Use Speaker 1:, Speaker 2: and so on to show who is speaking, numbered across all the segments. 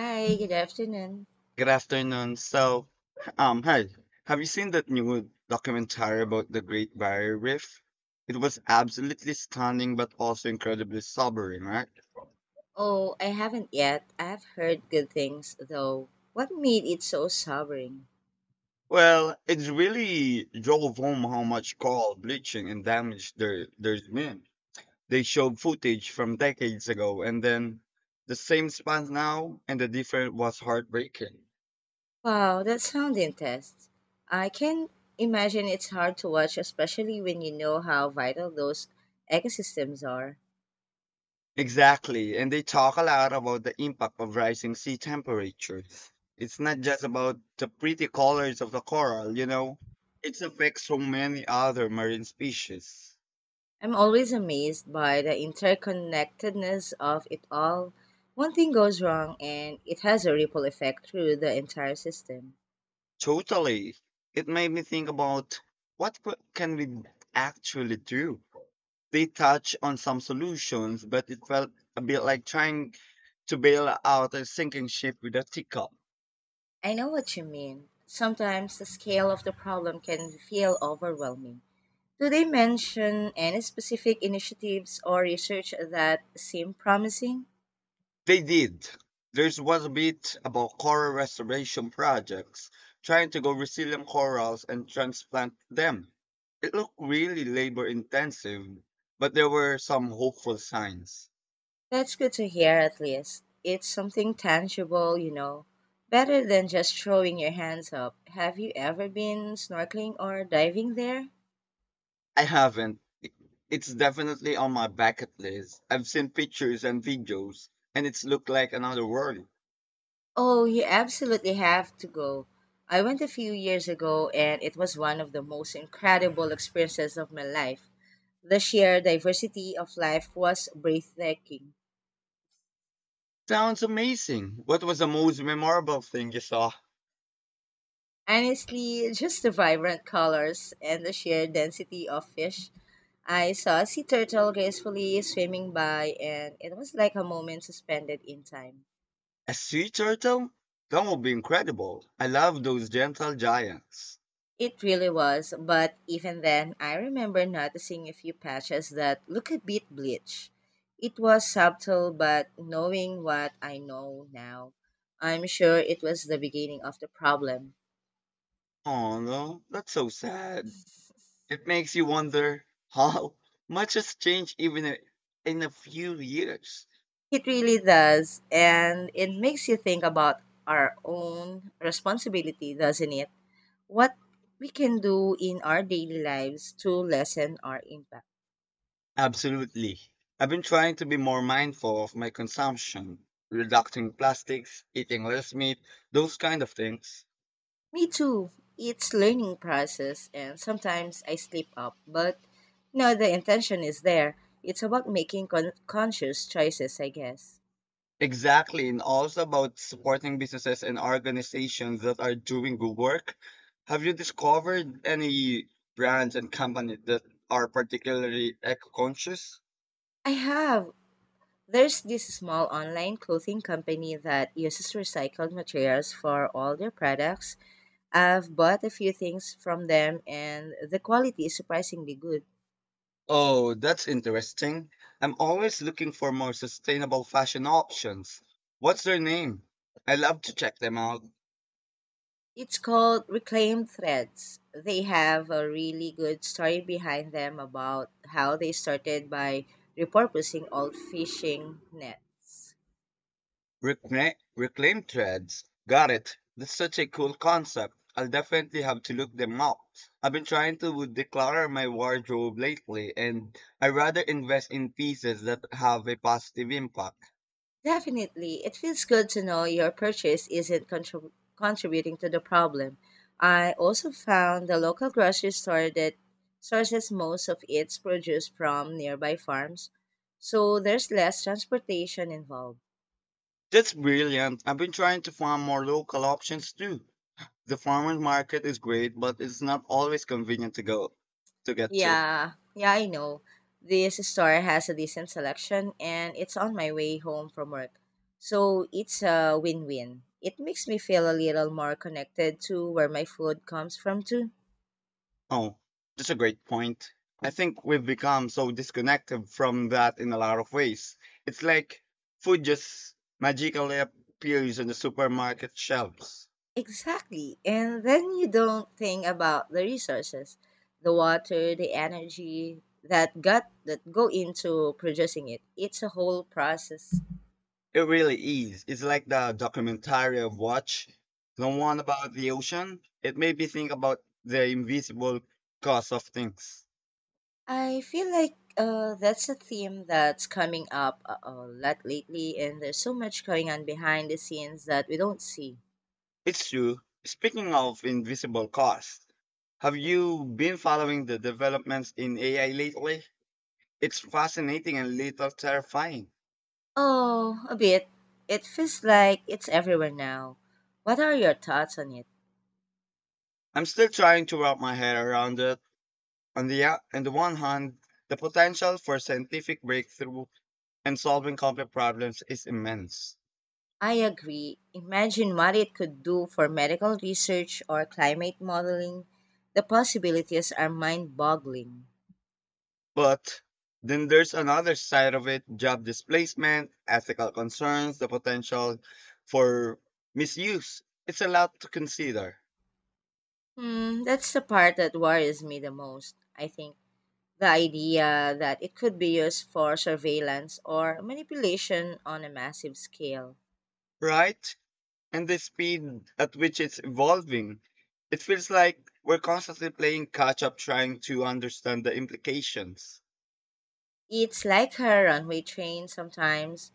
Speaker 1: Hi, good afternoon.
Speaker 2: Good afternoon. Hi. Have you seen that new documentary about the Great Barrier Reef? It was absolutely stunning, but also incredibly sobering, right?
Speaker 1: Oh, I haven't yet. I've heard good things, though. What made it so sobering?
Speaker 2: Well, it really drove home how much coral bleaching and damage there's been. They showed footage from decades ago, and then the same spot now, and the difference was heartbreaking.
Speaker 1: Wow, that sounds intense. I can imagine it's hard to watch, especially when you know how vital those ecosystems are.
Speaker 2: Exactly. And they talk a lot about the impact of rising sea temperatures. It's not just about the pretty colors of the coral, it affects so many other marine species.
Speaker 1: I'm always amazed by the interconnectedness of it all. One thing goes wrong, and it has a ripple effect through the entire system.
Speaker 2: Totally. It made me think about can we actually do? They touch on some solutions, but it felt a bit like trying to bail out a sinking ship with a teacup.
Speaker 1: I know what you mean. Sometimes the scale of the problem can feel overwhelming. Do they mention any specific initiatives or research that seem promising?
Speaker 2: They did. There's was a bit about coral restoration projects, trying to go resilient corals and transplant them. It looked really labor intensive, but there were some hopeful signs.
Speaker 1: That's good to hear at least. It's something tangible, you know, Better than just throwing your hands up. Have you ever been snorkeling or diving there?
Speaker 2: I haven't. It's definitely on my bucket list. I've seen pictures and videos, and it's looked like another world.
Speaker 1: Oh, you absolutely have to go. I went a few years ago and it was one of the most incredible experiences of my life. The sheer diversity of life was breathtaking.
Speaker 2: Sounds amazing. What was the most memorable thing you saw?
Speaker 1: Honestly, just the vibrant colors and the sheer density of fish. I saw a sea turtle gracefully swimming by, and it was like a moment suspended in time.
Speaker 2: A sea turtle? That would be incredible. I love those gentle giants.
Speaker 1: It really was, but even then, I remember noticing a few patches that look a bit bleached. It was subtle, but knowing what I know now, I'm sure it was the beginning of the problem.
Speaker 2: Oh no, that's so sad. It makes you wonder how much has changed in a few years.
Speaker 1: It really does, and it makes you think about our own responsibility, doesn't it? What we can do in our daily lives to lessen our impact.
Speaker 2: Absolutely. I've been trying to be more mindful of my consumption, reducing plastics, eating less meat, those kind of things.
Speaker 1: Me too. It's learning process and sometimes I slip up, but no, the intention is there. It's about making conscious choices, I guess.
Speaker 2: Exactly, and also about supporting businesses and organizations that are doing good work. Have you discovered any brands and companies that are particularly eco-conscious?
Speaker 1: I have. There's this small online clothing company that uses recycled materials for all their products. I've bought a few things from them and the quality is surprisingly good.
Speaker 2: Oh, that's interesting. I'm always looking for more sustainable fashion options. What's their name? I love to check them out.
Speaker 1: It's called Reclaimed Threads. They have a really good story behind them about how they started by repurposing old fishing nets.
Speaker 2: Reclaim threads. Got it. That's such a cool concept. I'll definitely have to look them up. I've been trying to declutter my wardrobe lately, and I rather invest in pieces that have a positive impact.
Speaker 1: Definitely. It feels good to know your purchase isn't contributing to the problem. I also found the local grocery store that sources most of its produce from nearby farms, so there's less transportation involved.
Speaker 2: That's brilliant. I've been trying to find more local options too. The farmers market is great, but it's not always convenient to go to get to.
Speaker 1: Yeah, yeah, I know. This store has a decent selection and it's on my way home from work, so it's a win win. It makes me feel a little more connected to where my food comes from, too.
Speaker 2: Oh, that's a great point. I think we've become so disconnected from that in a lot of ways. It's like food just magically appears on the supermarket shelves.
Speaker 1: Exactly. And then you don't think about the resources, the water, the energy that got that go into producing it. It's a whole process.
Speaker 2: It really is. It's like the documentary I've watched, the one about the ocean. It made me think about the invisible cost of things.
Speaker 1: I feel like that's a theme that's coming up a lot lately, and there's so much going on behind the scenes that we don't see.
Speaker 2: It's true. Speaking of invisible costs, have you been following the developments in AI lately? It's fascinating and little terrifying.
Speaker 1: Oh, a bit. It feels like it's everywhere now. What are your thoughts on it?
Speaker 2: I'm still trying to wrap my head around it. On the one hand, the potential for scientific breakthrough and solving complex problems is immense.
Speaker 1: I agree. Imagine what it could do for medical research or climate modeling. The possibilities are mind boggling.
Speaker 2: But then there's another side of it, job displacement, ethical concerns, the potential for misuse. It's a lot to consider,
Speaker 1: Hmm, that's the part that worries me the most. I think the idea that it could be used for surveillance or manipulation on a massive scale.
Speaker 2: right? And the speed at which it's evolving. It feels like we're constantly playing catch up trying to understand the implications.
Speaker 1: It's like a runway train sometimes.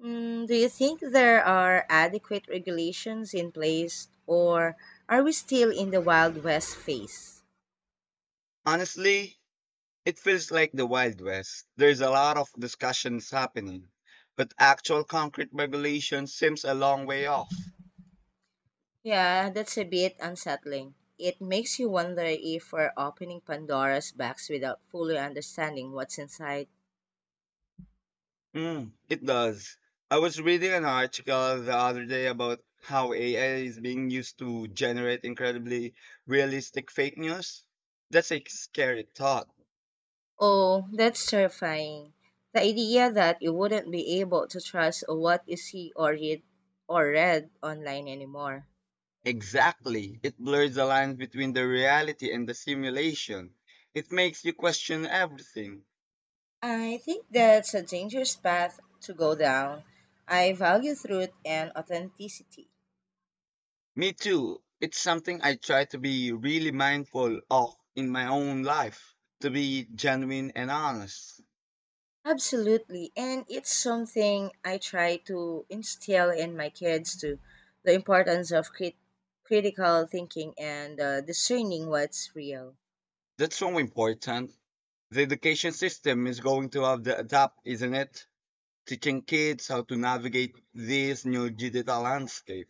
Speaker 1: Hmm, do you think there are adequate regulations in place, or are we still in the Wild West phase?
Speaker 2: Honestly, it feels like the Wild West. There's a lot of discussions happening, but actual concrete regulation seems a long way off.
Speaker 1: Yeah, that's a bit unsettling. It makes you wonder if we're opening Pandora's box without fully understanding what's inside.
Speaker 2: Mm, it does. I was reading an article the other day about how AI is being used to generate incredibly realistic fake news. That's a scary thought.
Speaker 1: Oh, that's terrifying. The idea that you wouldn't be able to trust what you see or read online anymore.
Speaker 2: Exactly. It blurs the lines between the reality and the simulation. It makes you question everything.
Speaker 1: I think that's a dangerous path to go down. I value truth and authenticity.
Speaker 2: Me too. It's something I try to be really mindful of in my own life, to be genuine and honest.
Speaker 1: Absolutely. And it's something I try to instill in my kids too, the importance of critical thinking and discerning what's real.
Speaker 2: That's so important. The education system is going to have to adapt, isn't it? Teaching kids how to navigate this new digital landscape.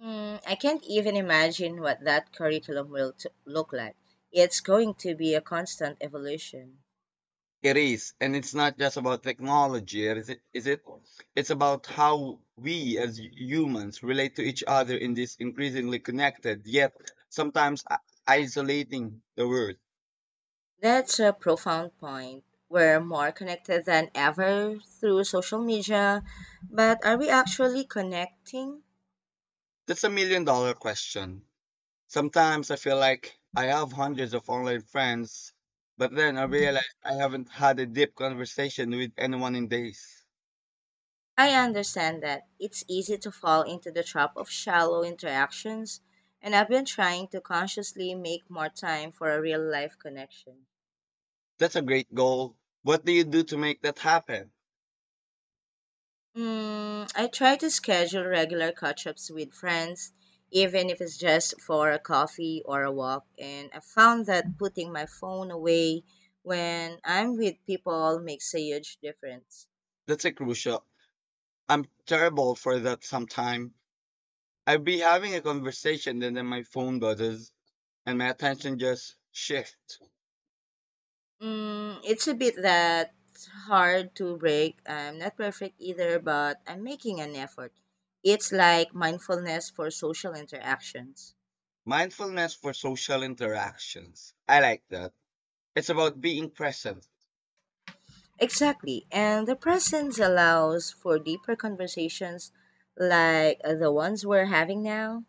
Speaker 1: Hmm, I can't even imagine what that curriculum will look like. It's going to be a constant evolution.
Speaker 2: It is, and it's not just about technology, is it? Is it? It's about how we as humans relate to each other in this increasingly connected yet sometimes i- isolating the world.
Speaker 1: That's a profound point. We're more connected than ever through social media, but are we actually connecting?
Speaker 2: That's a million-dollar question. Sometimes I feel like I have hundreds of online friends, but then I realize I haven't had a deep conversation with anyone in days.
Speaker 1: I understand that. It's easy to fall into the trap of shallow interactions, and I've been trying to consciously make more time for a real life connection.
Speaker 2: That's a great goal. What do you do to make that happen?
Speaker 1: Mm, I try to schedule regular catch ups with friends, even if it's just for a coffee or a walk, and I found that putting my phone away when I'm with people makes a huge difference.
Speaker 2: That's a crucial. I'm terrible for that sometimes I'd be having a conversation and then my phone buzzes and my attention just shifts.
Speaker 1: Mm, it's a bit that hard to break. I'm not perfect either, but I'm making an effort. It's like mindfulness for social interactions.
Speaker 2: Mindfulness for social interactions. I like that. It's about being present.
Speaker 1: Exactly. And the presence allows for deeper conversations like the ones we're having now.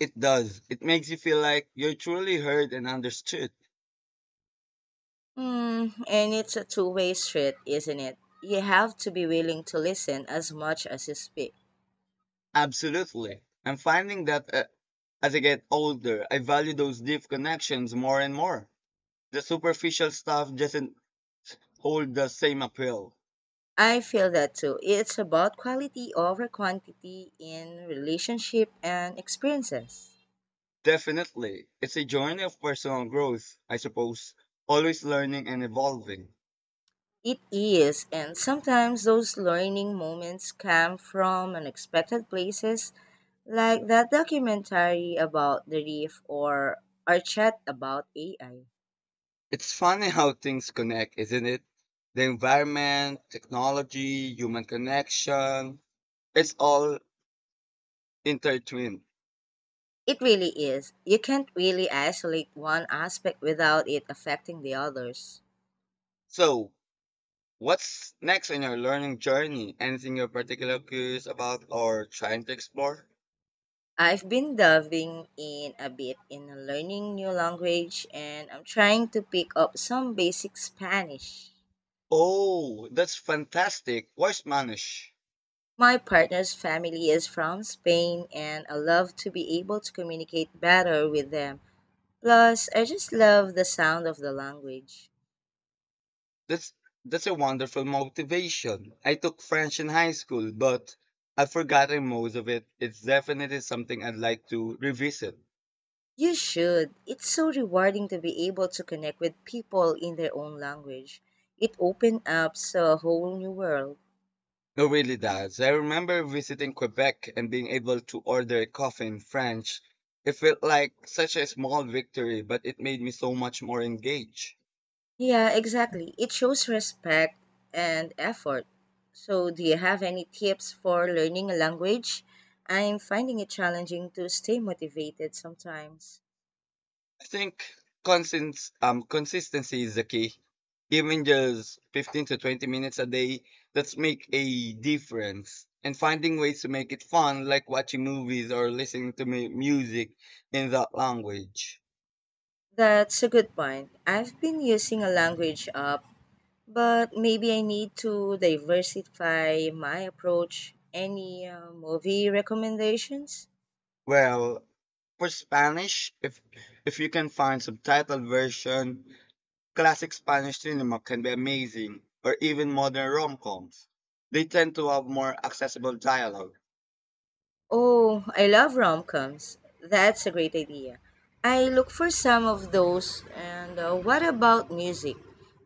Speaker 2: It does. It makes you feel like you're truly heard and understood.
Speaker 1: Mm, and it's a two-way street, isn't it? You have to be willing to listen as much as you speak.
Speaker 2: Absolutely. I'm finding that as I get older, I value those deep connections more and more. The superficial stuff doesn't hold the same appeal.
Speaker 1: I feel that too. It's about quality over quantity in relationship and experiences.
Speaker 2: Definitely. It's a journey of personal growth, I suppose, always learning and evolving.
Speaker 1: It is, and sometimes those learning moments come from unexpected places, like that documentary about the reef or our chat about AI.
Speaker 2: It's funny how things connect, isn't it? The environment, technology, human connection, it's all intertwined.
Speaker 1: It really is. You can't really isolate one aspect without it affecting the others.
Speaker 2: So, what's next in your learning journey? Anything you're particularly curious about or trying to explore?
Speaker 1: I've been delving in a bit in learning new language and I'm trying to pick up some basic Spanish.
Speaker 2: Oh, that's fantastic. Where's Manish?
Speaker 1: My partner's family is from Spain and I love to be able to communicate better with them. Plus, I just love the sound of the language.
Speaker 2: That's that's a wonderful motivation. I took French in high school, but I've forgotten most of it. It's definitely something I'd like to revisit.
Speaker 1: You should. It's so rewarding to be able to connect with people in their own language. It opens up so a whole new world.
Speaker 2: It really does. I remember visiting Quebec and being able to order a coffee in French. It felt like such a small victory, but it made me so much more engaged.
Speaker 1: Yeah, exactly. It shows respect and effort. So, do you have any tips for learning a language? I'm finding it challenging to stay motivated sometimes.
Speaker 2: I think consistency is the key. Even just 15 to 20 minutes a day, that's make a difference. And finding ways to make it fun, like watching movies or listening to music in that language.
Speaker 1: That's a good point. I've been using a language app, but maybe I need to diversify my approach. Any movie recommendations?
Speaker 2: Well, for Spanish, if you can find subtitled version, classic Spanish cinema can be amazing, or even modern rom-coms. They tend to have more accessible dialogue.
Speaker 1: Oh, I love rom-coms. That's a great idea. I look for some of those. And what about music?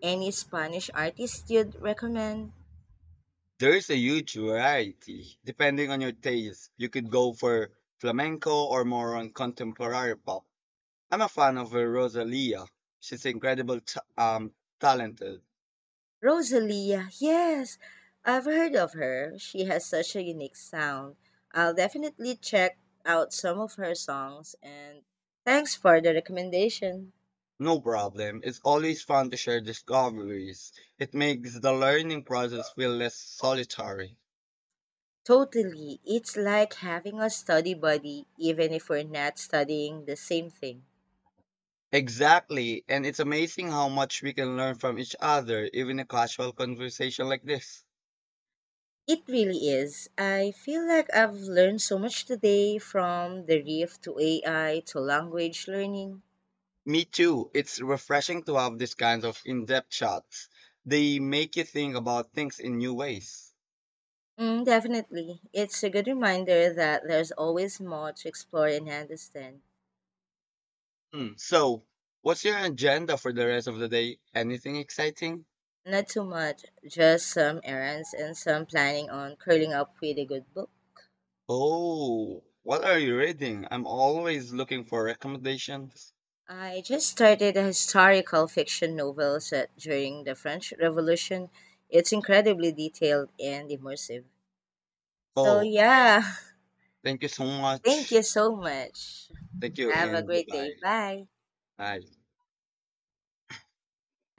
Speaker 1: Any Spanish artist you'd recommend?
Speaker 2: There's a huge variety. Depending on your taste, you could go for flamenco or more on contemporary pop. I'm a fan of Rosalia. She's incredible, talented.
Speaker 1: Rosalia, yes. I've heard of her. She has such a unique sound. I'll definitely check out some of her songs and thanks for the recommendation.
Speaker 2: No problem. It's always fun to share discoveries. It makes the learning process feel less solitary.
Speaker 1: Totally. It's like having a study buddy even if we're not studying the same thing.
Speaker 2: Exactly, and it's amazing how much we can learn from each other, even a casual conversation like this.
Speaker 1: It really is. I feel like I've learned so much today, from the reef to AI to language learning.
Speaker 2: Me too. It's refreshing to have these kinds of in-depth chats. They make you think about things in new ways.
Speaker 1: Mm, definitely. It's a good reminder that there's always more to explore and understand.
Speaker 2: Hmm. So, what's your agenda for the rest of the day? Anything exciting?
Speaker 1: Not too much, just some errands and some planning on curling up with a good book.
Speaker 2: Oh, what are you reading? I'm always looking for recommendations.
Speaker 1: I just started a historical fiction novel set during the French Revolution. It's incredibly detailed and immersive. So,
Speaker 2: Oh, okay.
Speaker 1: yeah,
Speaker 2: Thank you so
Speaker 1: thank
Speaker 2: much.
Speaker 1: you so much.
Speaker 2: Thank you
Speaker 1: Have a
Speaker 2: and
Speaker 1: great
Speaker 2: goodbye.
Speaker 1: day. Bye.
Speaker 2: Bye.